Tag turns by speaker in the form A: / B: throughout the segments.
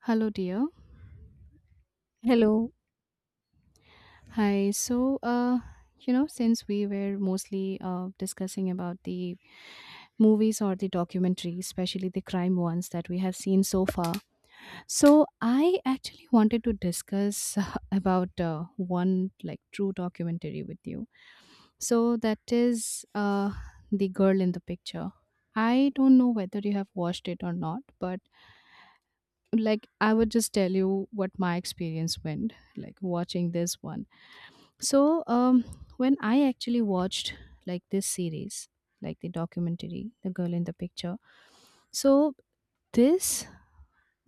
A: Hello, dear.
B: Hello.
A: Hi. Since we were mostly discussing about the movies or the documentaries, especially the crime ones that we have seen so far, so I actually wanted to discuss about one like true documentary with you. So that is the girl in the picture. I don't know whether you have watched it or not, but like I would just tell you what my experience went like watching this one. So when I actually watched like this series, like the documentary, The Girl in the Picture, so this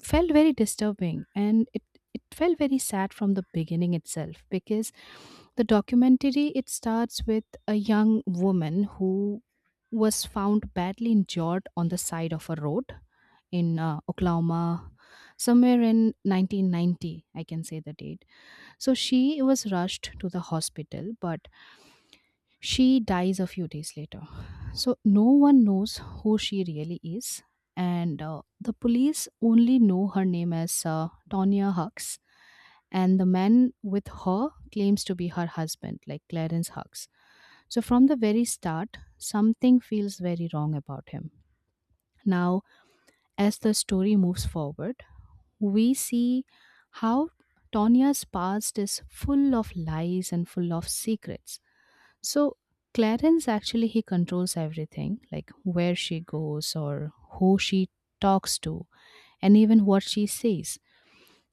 A: felt very disturbing and it felt very sad from the beginning itself because the documentary it starts with a young woman who was found badly injured on the side of a road in Oklahoma somewhere in 1990, I can say the date. So she was rushed to the hospital, but she dies a few days later. So no one knows who she really is, and the police only know her name as Tonya Hux, and the man with her claims to be her husband, like Clarence Hux. So from the very start, something feels very wrong about him. Now, as the story moves forward, we see how Tanya's past is full of lies and full of secrets. So Clarence actually he controls everything, like where she goes or who she talks to and even what she says.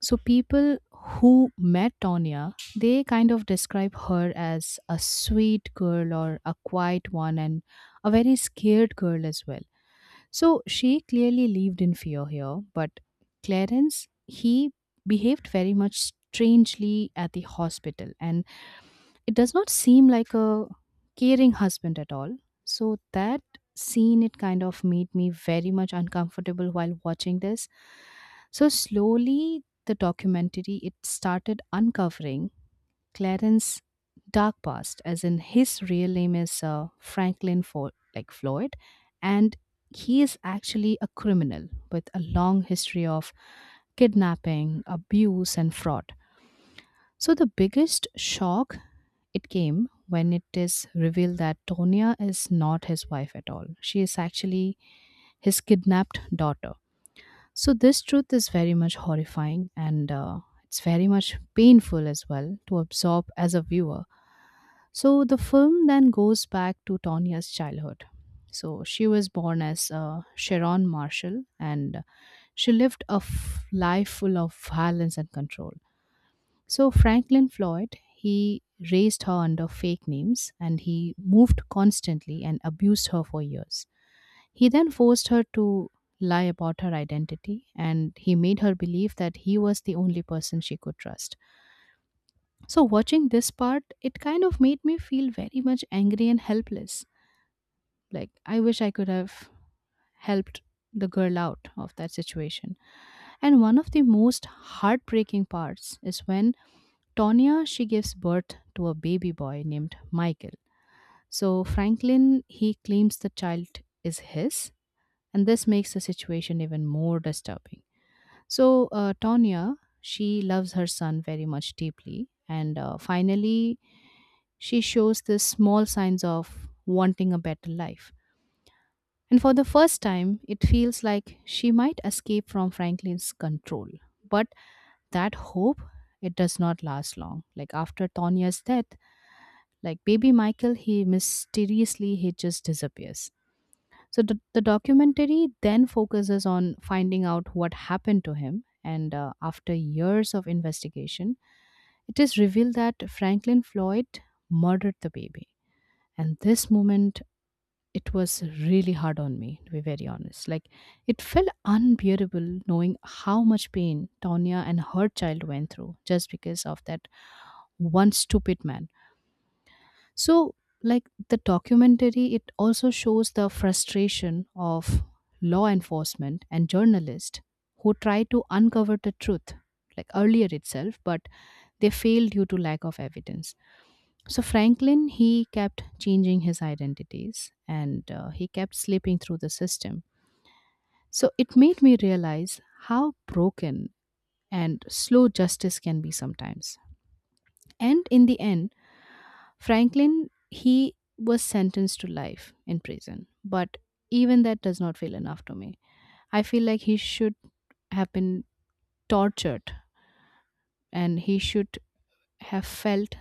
A: So people who met Tonya, they kind of describe her as a sweet girl or a quiet one and a very scared girl as well. So she clearly lived in fear here, but Clarence, he behaved very much strangely at the hospital, and it does not seem like a caring husband at all. So that scene, it kind of made me very much uncomfortable while watching this. So slowly, the documentary it started uncovering Clarence dark past, as in his real name is like Floyd, and he is actually a criminal with a long history of kidnapping, abuse, and fraud. So the biggest shock it came when it is revealed that Tonya is not his wife at all. She is actually his kidnapped daughter. So this truth is very much horrifying and it's very much painful as well to absorb as a viewer. So the film then goes back to Tanya's childhood. So she was born as Sharon Marshall and she lived a life full of violence and control. So Franklin Floyd, he raised her under fake names and he moved constantly and abused her for years. He then forced her to lie about her identity and he made her believe that he was the only person she could trust. So, watching this part, it kind of made me feel very much angry and helpless. Like, I wish I could have helped the girl out of that situation. And one of the most heartbreaking parts is when Tonya she gives birth to a baby boy named Michael. So Franklin he claims the child is his and this makes the situation even more disturbing. So, Tonya, she loves her son very much deeply. And finally, she shows the small signs of wanting a better life. And for the first time, it feels like she might escape from Franklin's control. But that hope, it does not last long. Like after Tonya's death, like baby Michael, he mysteriously, he just disappears. So the documentary then focuses on finding out what happened to him. And after years of investigation, it is revealed that Franklin Floyd murdered the baby. And this moment, it was really hard on me, to be very honest. Like, it felt unbearable knowing how much pain Tonya and her child went through just because of that one stupid man. So, like the documentary, it also shows the frustration of law enforcement and journalists who try to uncover the truth, like earlier itself, but they failed due to lack of evidence. So, Franklin, he kept changing his identities and he kept slipping through the system. So, it made me realize how broken and slow justice can be sometimes. And in the end, Franklin, he was sentenced to life in prison, but even that does not feel enough to me. I feel like he should have been tortured and he should have felt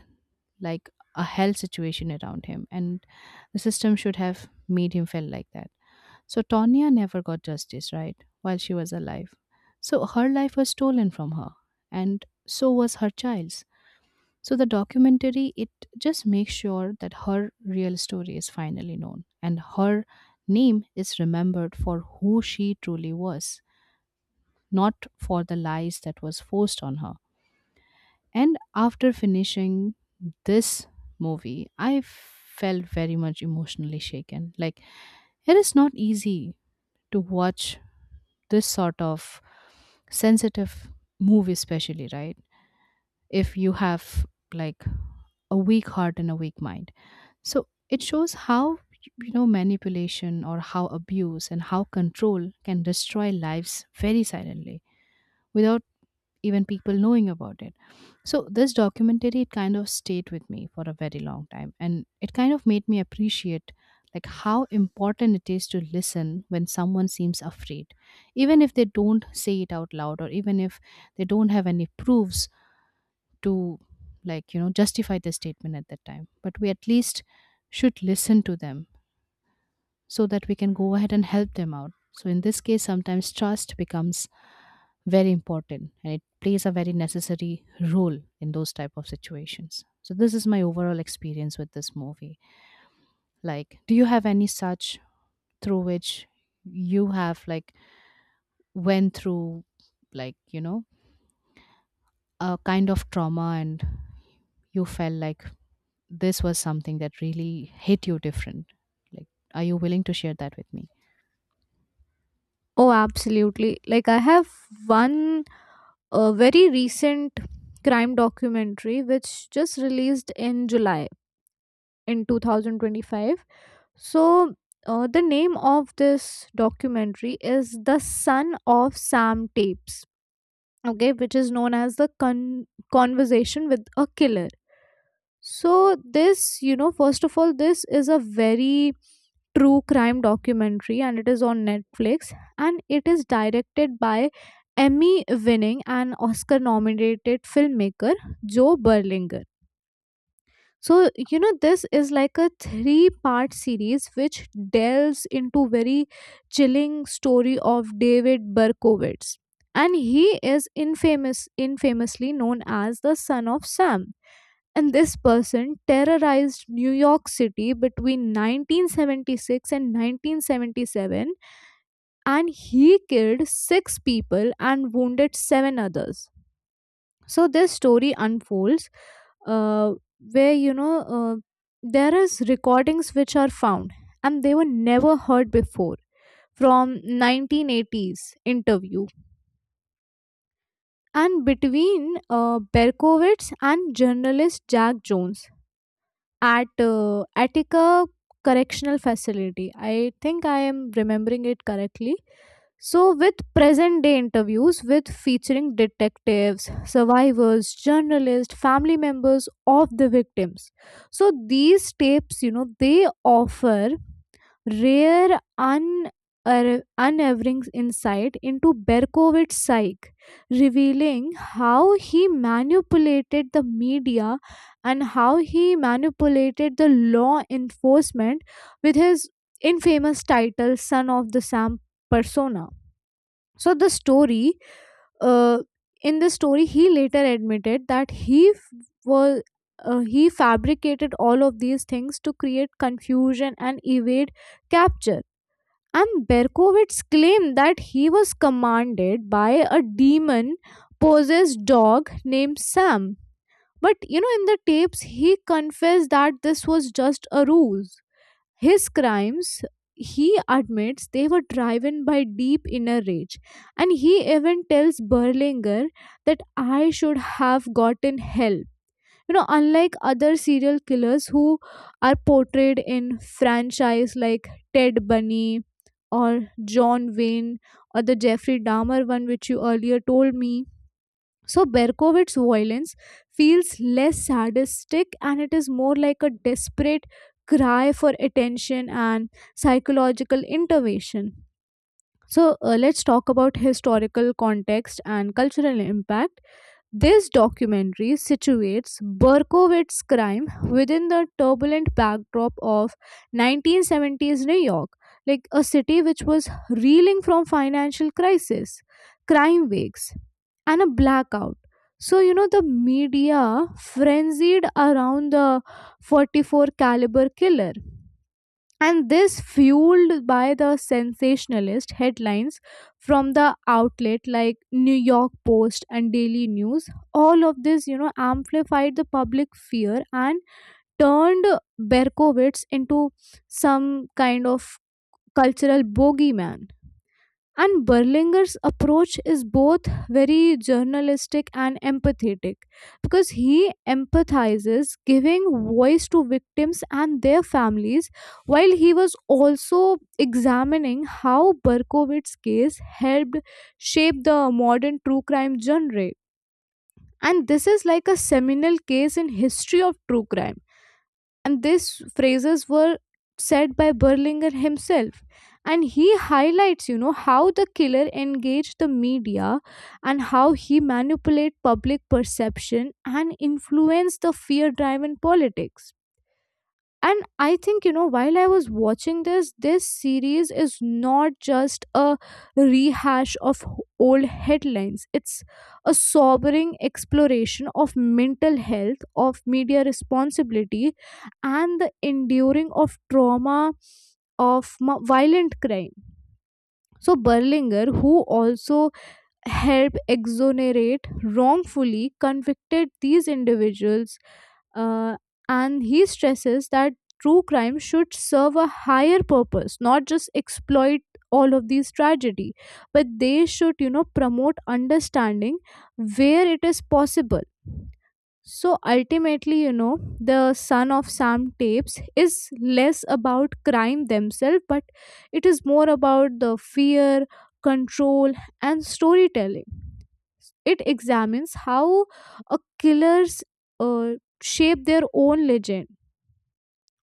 A: like a hell situation around him, and the system should have made him feel like that. So, Tonya never got justice, right, while she was alive. So, her life was stolen from her, and so was her child's. So the documentary it just makes sure that her real story is finally known and her name is remembered for who she truly was, not for the lies that was forced on her. And after finishing this movie, I felt very much emotionally shaken. Like it is not easy to watch this sort of sensitive movie especially right if you have like a weak heart and a weak mind. So it shows how manipulation or how abuse and how control can destroy lives very silently without even people knowing about it. So this documentary it kind of stayed with me for a very long time and it kind of made me appreciate like how important it is to listen when someone seems afraid even if they don't say it out loud or even if they don't have any proofs to justify the statement at that time, but we at least should listen to them so that we can go ahead and help them out. So in this case sometimes trust becomes very important and it plays a very necessary role in those type of situations. So this is my overall experience with this movie. Like do you have any such through which you have like went through like you know a kind of trauma and you felt like this was something that really hit you different? Like, are you willing to share that with me?
B: Oh, absolutely. Like, I have one very recent crime documentary which just released in July in 2025. So, the name of this documentary is The Son of Sam Tapes, okay, which is known as Conversation with a Killer. So, this, you know, first of all, this is a very true crime documentary, and it is on Netflix, and it is directed by Emmy winning and Oscar nominated filmmaker Joe Berlinger. So, you know, this is like a three-part series which delves into very chilling story of David Berkowitz. And he is infamously known as the Son of Sam, and this person terrorized New York City between 1976 and 1977, and he killed 6 people and wounded 7 others. So this story unfolds, uh, where you know, there is recordings which are found and they were never heard before, from 1980s interview and between Berkowitz and journalist Jack Jones at Attica Correctional Facility. I think I am remembering it correctly. So, with present day interviews with featuring detectives, survivors, journalists, family members of the victims. So, these tapes, you know, they offer rare, unwavering insight into Berkowitz's psyche, revealing how he manipulated the media and how he manipulated the law enforcement with his infamous title Son of the Sam persona. So the story, uh, in the story he later admitted that he was, he fabricated all of these things to create confusion and evade capture. And Berkowitz claimed that he was commanded by a demon possessed dog named Sam. But you know, in the tapes, he confessed that this was just a ruse. His crimes, he admits, they were driven by deep inner rage. And he even tells Berlinger that I should have gotten help. You know, unlike other serial killers who are portrayed in franchise like Ted Bundy or John Wayne or the Jeffrey Dahmer one, which you earlier told me, so Berkowitz's violence feels less sadistic, and it is more like a desperate cry for attention and psychological intervention. So let's talk about historical context and cultural impact. This documentary situates Berkowitz's crime within the turbulent backdrop of 1970s New York, like a city which was reeling from financial crisis. Crime waves and a blackout. So you know, the media frenzied around the 44 caliber killer, and this fueled by the sensationalist headlines from the outlet like New York Post and Daily News. All of this, you know, amplified the public fear and turned Berkowitz into some kind of cultural bogeyman. And Berlinger's approach is both very journalistic and empathetic, because he empathizes, giving voice to victims and their families, while he was also examining how Berkowitz's case helped shape the modern true crime genre. And this is like a seminal case in history of true crime, and these phrases were said by Berlinger himself. And he highlights, you know, how the killer engaged the media and how he manipulated public perception and influenced the fear driven politics. And I think, you know, while I was watching this, series is not just a rehash of old headlines. It's a sobering exploration of mental health, of media responsibility, and the enduring of trauma of violent crime. So Berlinger, who also help exonerate wrongfully convicted these individuals, uh, and he stresses that true crime should serve a higher purpose, not just exploit all of these tragedy, but they should, you know, promote understanding where it is possible. So ultimately, you know, The Son of Sam Tapes is less about crime themselves, but it is more about the fear, control, and storytelling. It examines how a killers, uh, shape their own legend,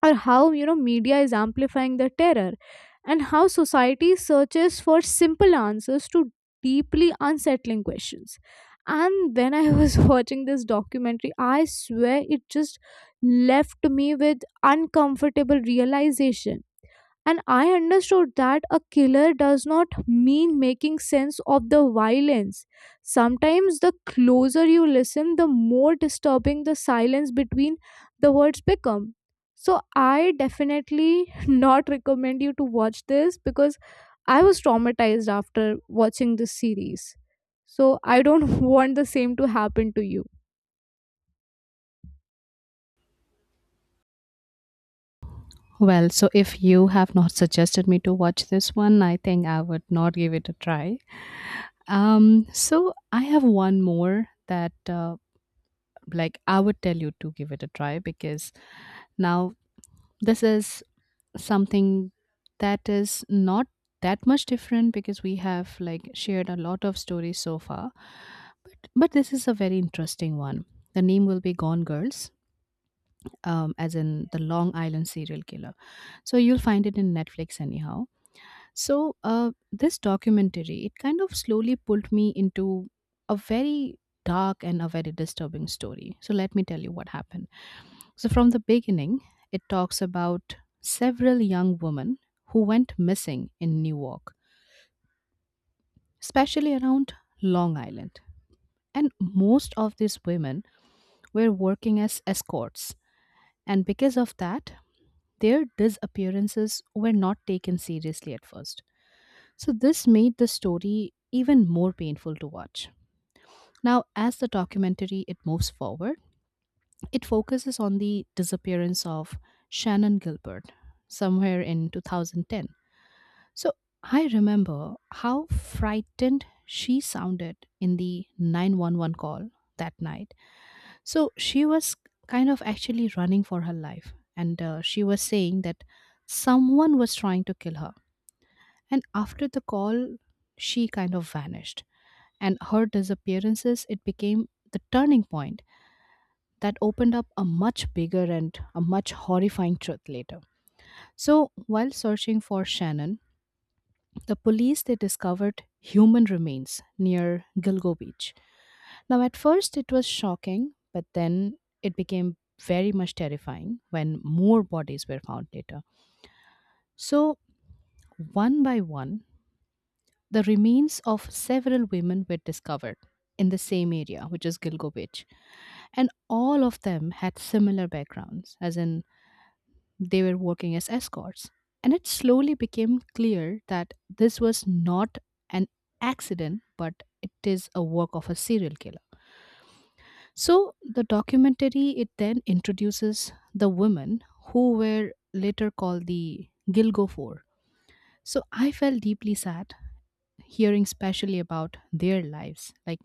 B: or how, you know, media is amplifying the terror, and how society searches for simple answers to deeply unsettling questions. And when I was watching this documentary, I swear it just left me with uncomfortable realization, and I understood that a killer does not mean making sense of the violence. Sometimes the closer you listen, the more disturbing the silence between the words become. So I definitely not recommend you to watch this, because I was traumatized after watching this series. So I don't want the same to happen to you.
A: Well, so if you have not suggested me to watch this one, I think I would not give it a try. So I have one more that, like, I would tell you to give it a try because now this is something that is not that much different because we have like shared a lot of stories so far, but this is a very interesting one. The name will be Gone Girls. As in the Long Island serial killer. So you'll find it in Netflix anyhow. So this documentary, it kind of slowly pulled me into a very dark and a very disturbing story. So let me tell you what happened. So from the beginning, it talks about several young women who went missing in Newark, especially around Long Island. And most of these women were working as escorts. And because of that, their disappearances were not taken seriously at first. So, this made the story even more painful to watch. Now, as the documentary it moves forward, it focuses on the disappearance of Shannon Gilbert somewhere in 2010. So, I remember how frightened she sounded in the 911 call that night. So she was kind of actually running for her life, and she was saying that someone was trying to kill her. And after the call, she kind of vanished, and her disappearances it became the turning point that opened up a much bigger and a much horrifying truth later. So while searching for Shannon, the police they discovered human remains near Gilgo Beach. Now, at first, it was shocking, but then it became very much terrifying when more bodies were found later. So, one by one, the remains of several women were discovered in the same area, which is Gilgo Beach. And all of them had similar backgrounds, as in they were working as escorts. And it slowly became clear that this was not an accident, but it is a work of a serial killer. So the documentary it then introduces the women who were later called the Gilgo Four. So I felt deeply sad hearing especially about their lives. Like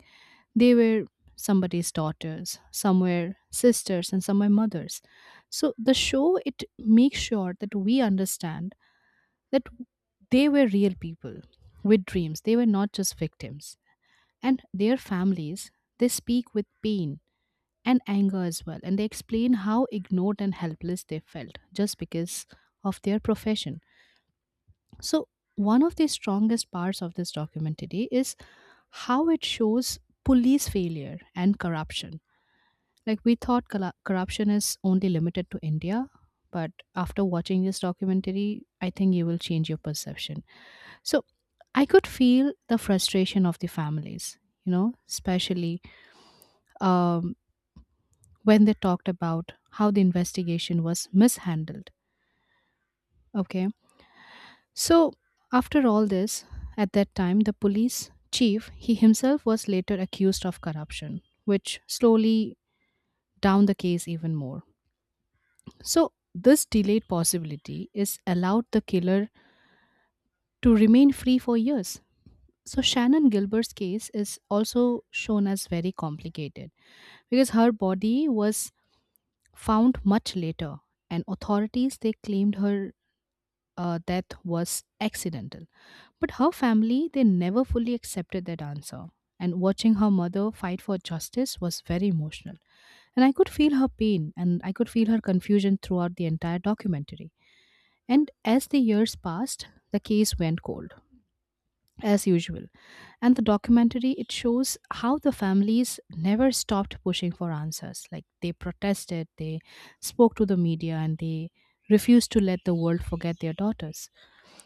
A: they were somebody's daughters, some were sisters and some were mothers. So the show it makes sure that we understand that they were real people with dreams. They were not just victims. And their families, they speak with pain and anger as well. And they explain how ignored and helpless they felt just because of their profession. So, one of the strongest parts of this documentary is how it shows police failure and corruption. Like, we thought corruption is only limited to India, but after watching this documentary, I think you will change your perception. So, I could feel the frustration of the families, you know, especially um, when they talked about how the investigation was mishandled. Okay. So, after all this, at that time, the police chief, he himself was later accused of corruption, which slowly down the case even more. So, this delayed possibility is allowed the killer to remain free for years. So, Shannon Gilbert's case is also shown as very complicated because her body was found much later, and authorities they claimed her death was accidental. But her family, they never fully accepted that answer. And watching her mother fight for justice was very emotional. And I could feel her pain and I could feel her confusion throughout the entire documentary. And as the years passed, the case went cold, as usual. And the documentary, it shows how the families never stopped pushing for answers. Like they protested, they spoke to the media, and they refused to let the world forget their daughters.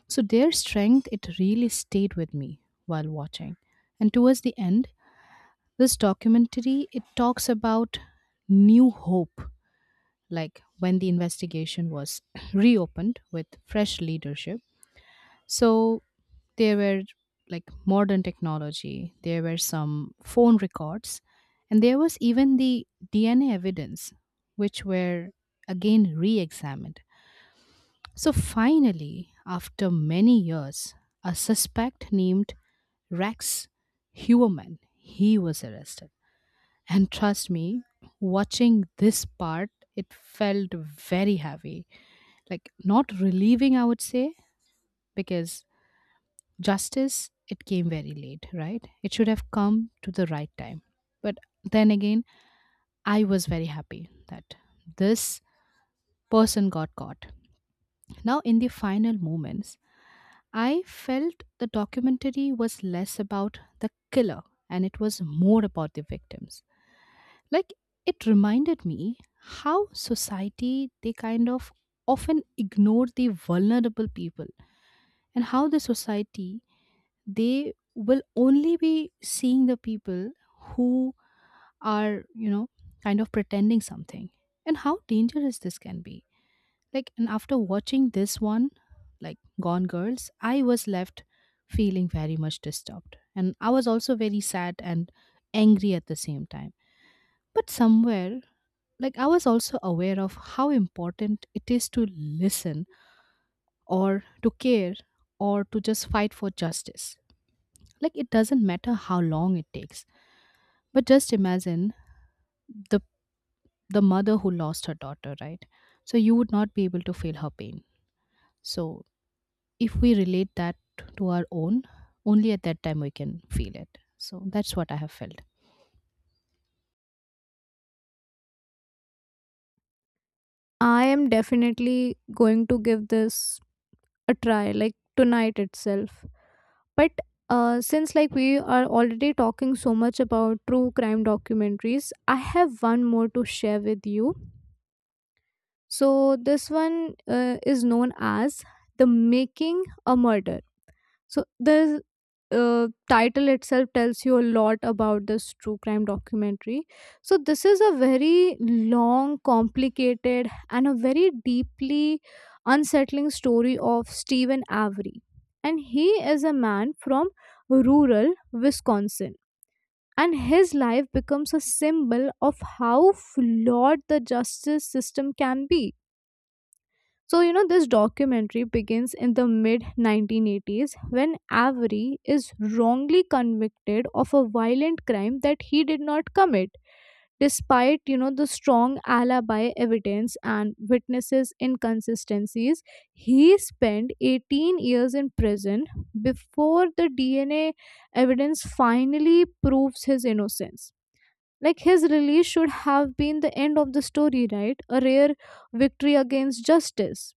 A: So their strength, it really stayed with me while watching. And towards the end, this documentary it talks about new hope, like when the investigation was reopened with fresh leadership. So there were like modern technology, there were some phone records, and there was even the DNA evidence, which were again re examined. So finally, after many years, a suspect named Rex Huerman, he was arrested. And trust me, watching this part, it felt very heavy. Like not relieving, I would say, because justice, it came very late, right? It should have come to the right time. But then again, I was very happy that this person got caught. Now, in the final moments, I felt the documentary was less about the killer and it was more about the victims. Like it reminded me how society they kind of often ignore the vulnerable people, and how the society they will only be seeing the people who are, you know, kind of pretending something, and how dangerous this can be. Like, and after watching this one, like Gone Girls, I was left feeling very much disturbed. And I was also very sad and angry at the same time. But somewhere, like, I was also aware of how important it is to listen or to care or to just fight for justice. Like, it doesn't matter how long it takes. But just imagine the the mother who lost her daughter, right? So you would not be able to feel her pain. So if we relate that to our own, only at that time we can feel it. So that's what I have felt.
B: I am definitely going to give this a try, like tonight itself. But since like we are already talking so much about true crime documentaries, I have one more to share with you. So this one, is known as The Making a Murder. So the title itself tells you a lot about this true crime documentary. So this is a very long, complicated, and a very deeply unsettling story of Stephen Avery. And he is a man from rural Wisconsin. And his life becomes a symbol of how flawed the justice system can be. So, you know, this documentary begins in the mid 1980s when Avery is wrongly convicted of a violent crime that he did not commit, despite, you know, the strong alibi evidence and witnesses' inconsistencies. He spent 18 years in prison before the DNA evidence finally proves his innocence. Like his release should have been the end of the story, right? A rare victory against justice.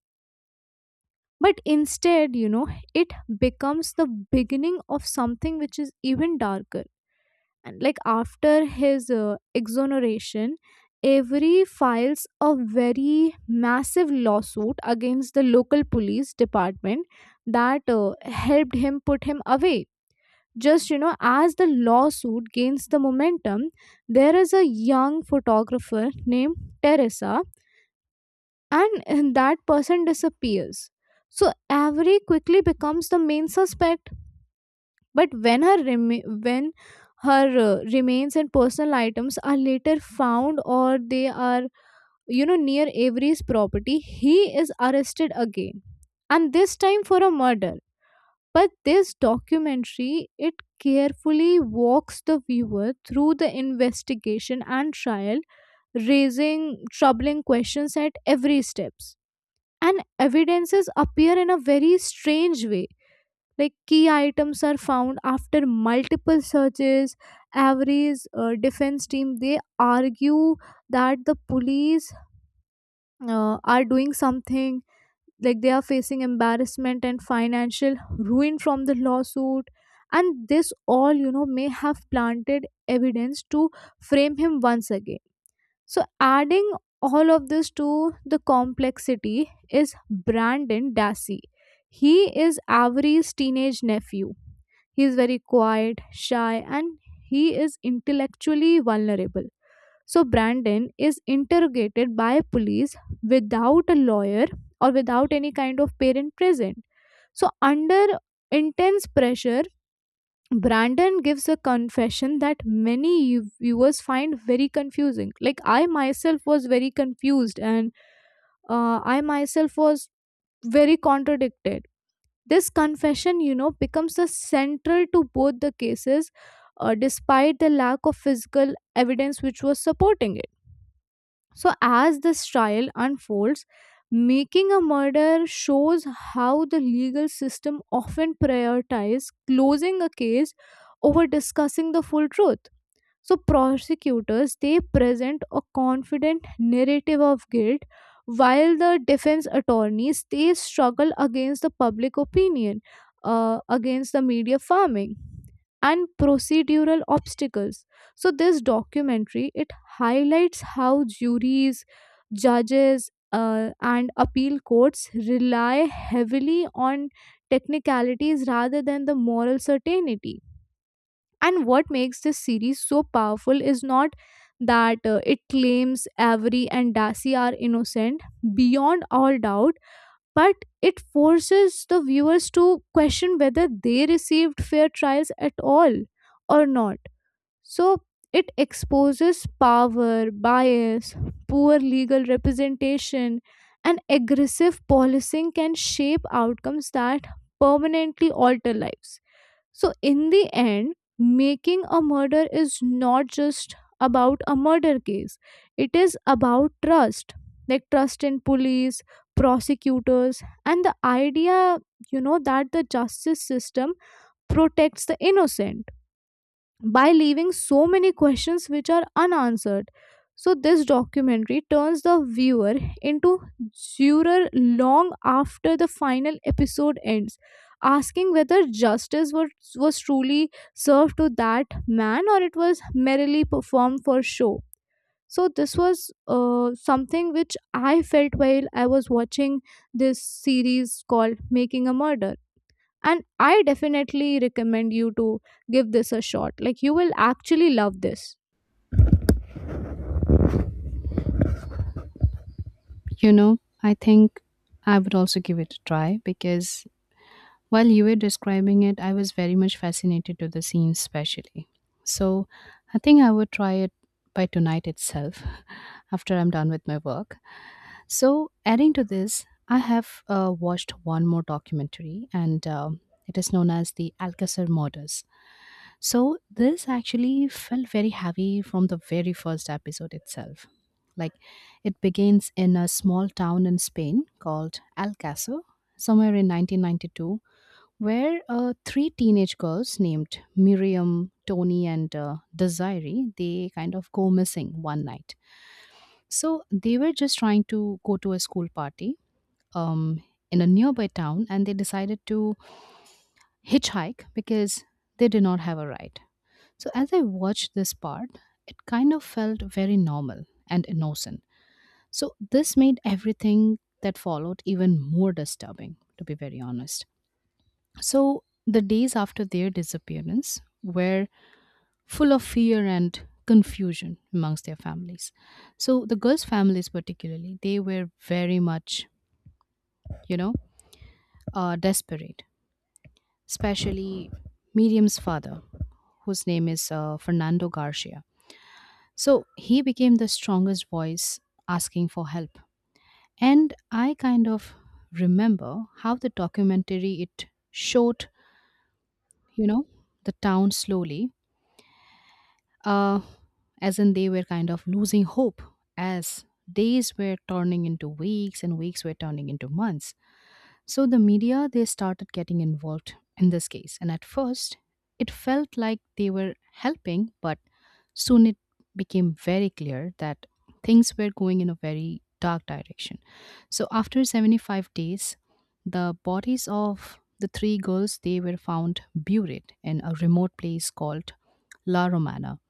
B: But instead, you know, it becomes the beginning of something which is even darker. And like after his exoneration, Avery files a very massive lawsuit against the local police department that helped him put him away. Just, you know, as the lawsuit gains the momentum, there is a young photographer named Teresa, and that person disappears. So Avery quickly becomes the main suspect. But when when her remains and personal items are later found, or they are, you know, near Avery's property, he is arrested again, and this time for a murder. But this documentary it carefully walks the viewer through the investigation and trial, raising troubling questions at every steps. And evidences appear in a very strange way. Like key items are found after multiple searches. Every defense team, they argue that the police, are doing something, like they are facing embarrassment and financial ruin from the lawsuit, and this all, you know, may have planted evidence to frame him once again. So, adding all of this to the complexity is Brandon Dassey. He is Avery's teenage nephew. He is very quiet, shy, and he is intellectually vulnerable. So, Brandon is interrogated by police without a lawyer or without any kind of parent present. So, under intense pressure, Brandon gives a confession that many viewers find very confusing. Like, I myself was very confused, and I myself was very contradicted. This confession, you know, becomes the central to both the cases, despite the lack of physical evidence which was supporting it. So, as this trial unfolds, Making a Murder shows how the legal system often prioritizes closing a case over discussing the full truth. So prosecutors, they present a confident narrative of guilt, while the defense attorneys, they struggle against the public opinion, against the media farming and procedural obstacles. So this documentary it highlights how juries, judges, and appeal courts rely heavily on technicalities rather than the moral certainty. And what makes this series so powerful is not that it claims Avery and Darcy are innocent beyond all doubt, but it forces the viewers to question whether they received fair trials at all or not. So it exposes power, bias, poor legal representation, and aggressive policing can shape outcomes that permanently alter lives. So, in the end, Making a Murder is not just about a murder case, it is about trust, like trust in police, prosecutors, and the idea, you know, that the justice system protects the innocent by leaving so many questions which are unanswered. So, this documentary turns the viewer into juror long after the final episode ends, asking whether was truly served to that man, or it was merely performed for show. So, this was something which I felt while I was watching this series called Making a Murder, and I definitely recommend you to give this a shot. Like you will actually love this.
A: You know, I think I would also give it a try because while you were describing it, I was very much fascinated to the scene especially. So I think I would try it by tonight itself after I'm done with my work. So adding to this, I have watched one more documentary, and it is known as the Alcacer Murders. So this actually felt very heavy from the very first episode itself. Like it begins in a small town in Spain called Alcacer somewhere in 1992, where three teenage girls named Miriam, Tony, and Desiree they kind of go missing one night. So they were just trying to go to a school party um, in a nearby town, and they decided to hitchhike because they did not have a ride. So as I watched this part, it kind of felt very normal and innocent. So this made everything that followed even more disturbing, to be very honest. So the days after their disappearance were full of fear and confusion amongst their families. So the girls' families, particularly, they were very much, you know, desperate, especially Miriam's father, whose name is Fernando Garcia. So he became the strongest voice asking for help. And I kind of remember how the documentary it showed, you know, the town slowly uh, as in they were kind of losing hope as days were turning into weeks and weeks were turning into months. So the media they started getting involved in this case, and at first it felt like they were helping, but soon it became very clear that things were going in a very dark direction. So after 75 days, the bodies of the three girls they were found buried in a remote place called La Romana.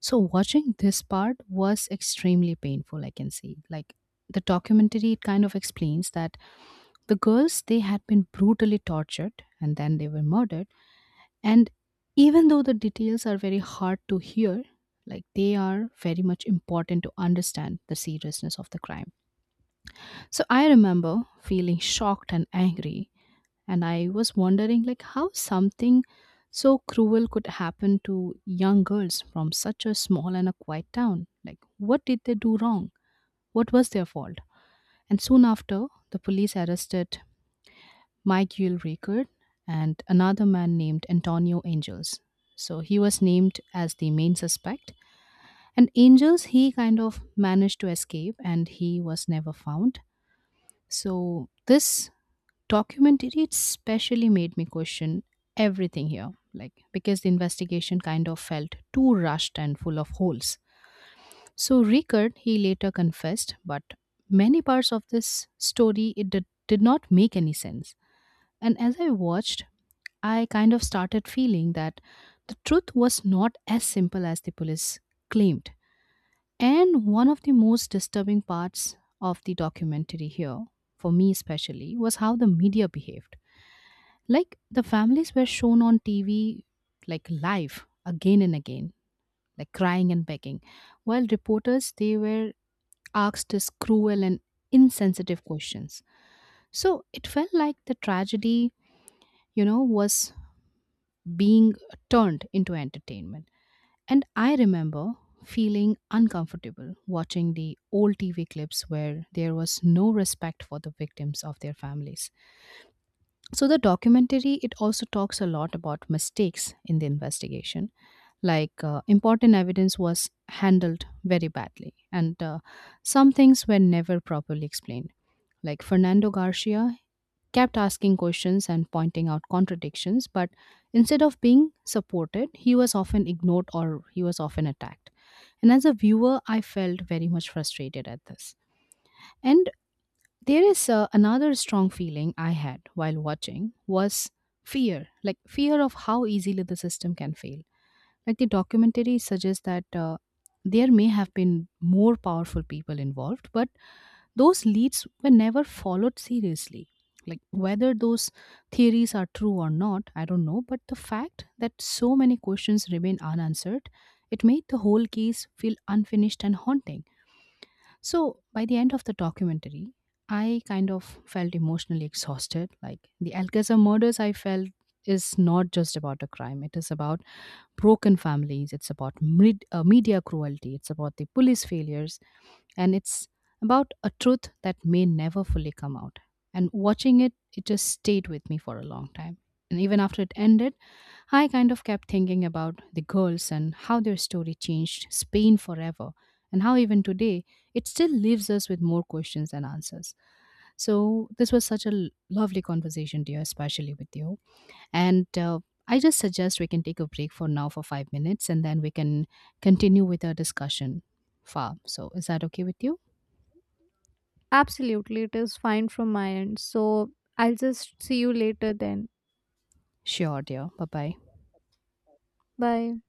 A: So watching this part was extremely painful, I can say. Like the documentary it kind of explains that the girls they had been brutally tortured and then they were murdered. And even though the details are very hard to hear, like they are very much important to understand the seriousness of the crime. So I remember feeling shocked and angry, and I was wondering like how something so cruel could happen to young girls from such a small and a quiet town. Like what did they do wrong? What was their fault? And soon after, the police arrested Michael Rickard and another man named Antonio Angels. So he was named as the main suspect, and Angels he kind of managed to escape and he was never found. So this documentary it especially made me question everything here, like because the investigation kind of felt too rushed and full of holes. So Rickard he later confessed, but many parts of this story it did not make any sense. And as I watched, I kind of started feeling that the truth was not as simple as the police claimed. And one of the most disturbing parts of the documentary here for me especially was how the media behaved. Like the families were shown on TV, like live again and again, like crying and begging, while reporters they were asked these cruel and insensitive questions. So it felt like the tragedy, you know, was being turned into entertainment. And I remember feeling uncomfortable watching the old TV clips where there was no respect for the victims of their families. So the documentary it also talks a lot about mistakes in the investigation, like important evidence was handled very badly, and some things were never properly explained. Like Fernando Garcia kept asking questions and pointing out contradictions, but instead of being supported, he was often ignored or he was often attacked. And as a viewer, I felt very much frustrated at this. And there is another strong feeling I had while watching was fear, like fear of how easily the system can fail. Like the documentary suggests that there may have been more powerful people involved, but those leads were never followed seriously. Like whether those theories are true or not I don't know, but the fact that so many questions remain unanswered, it made the whole case feel unfinished and haunting. So by the end of the documentary, I kind of felt emotionally exhausted. Like the Alcazar murders, I felt is not just about a crime. It is about broken families. It's about media cruelty. It's about the police failures, and it's about a truth that may never fully come out. And watching it, it just stayed with me for a long time. And even after it ended, I kind of kept thinking about the girls and how their story changed Spain forever, and how even today it still leaves us with more questions than answers. So, this was such a lovely conversation, dear, especially with you. And I just suggest we can take a break for now for 5 minutes and then we can continue with our discussion far. So, is that okay with you?
B: Absolutely, it is fine from my end. So I'll just see you later then.
A: Sure, dear. Bye bye.
B: Bye.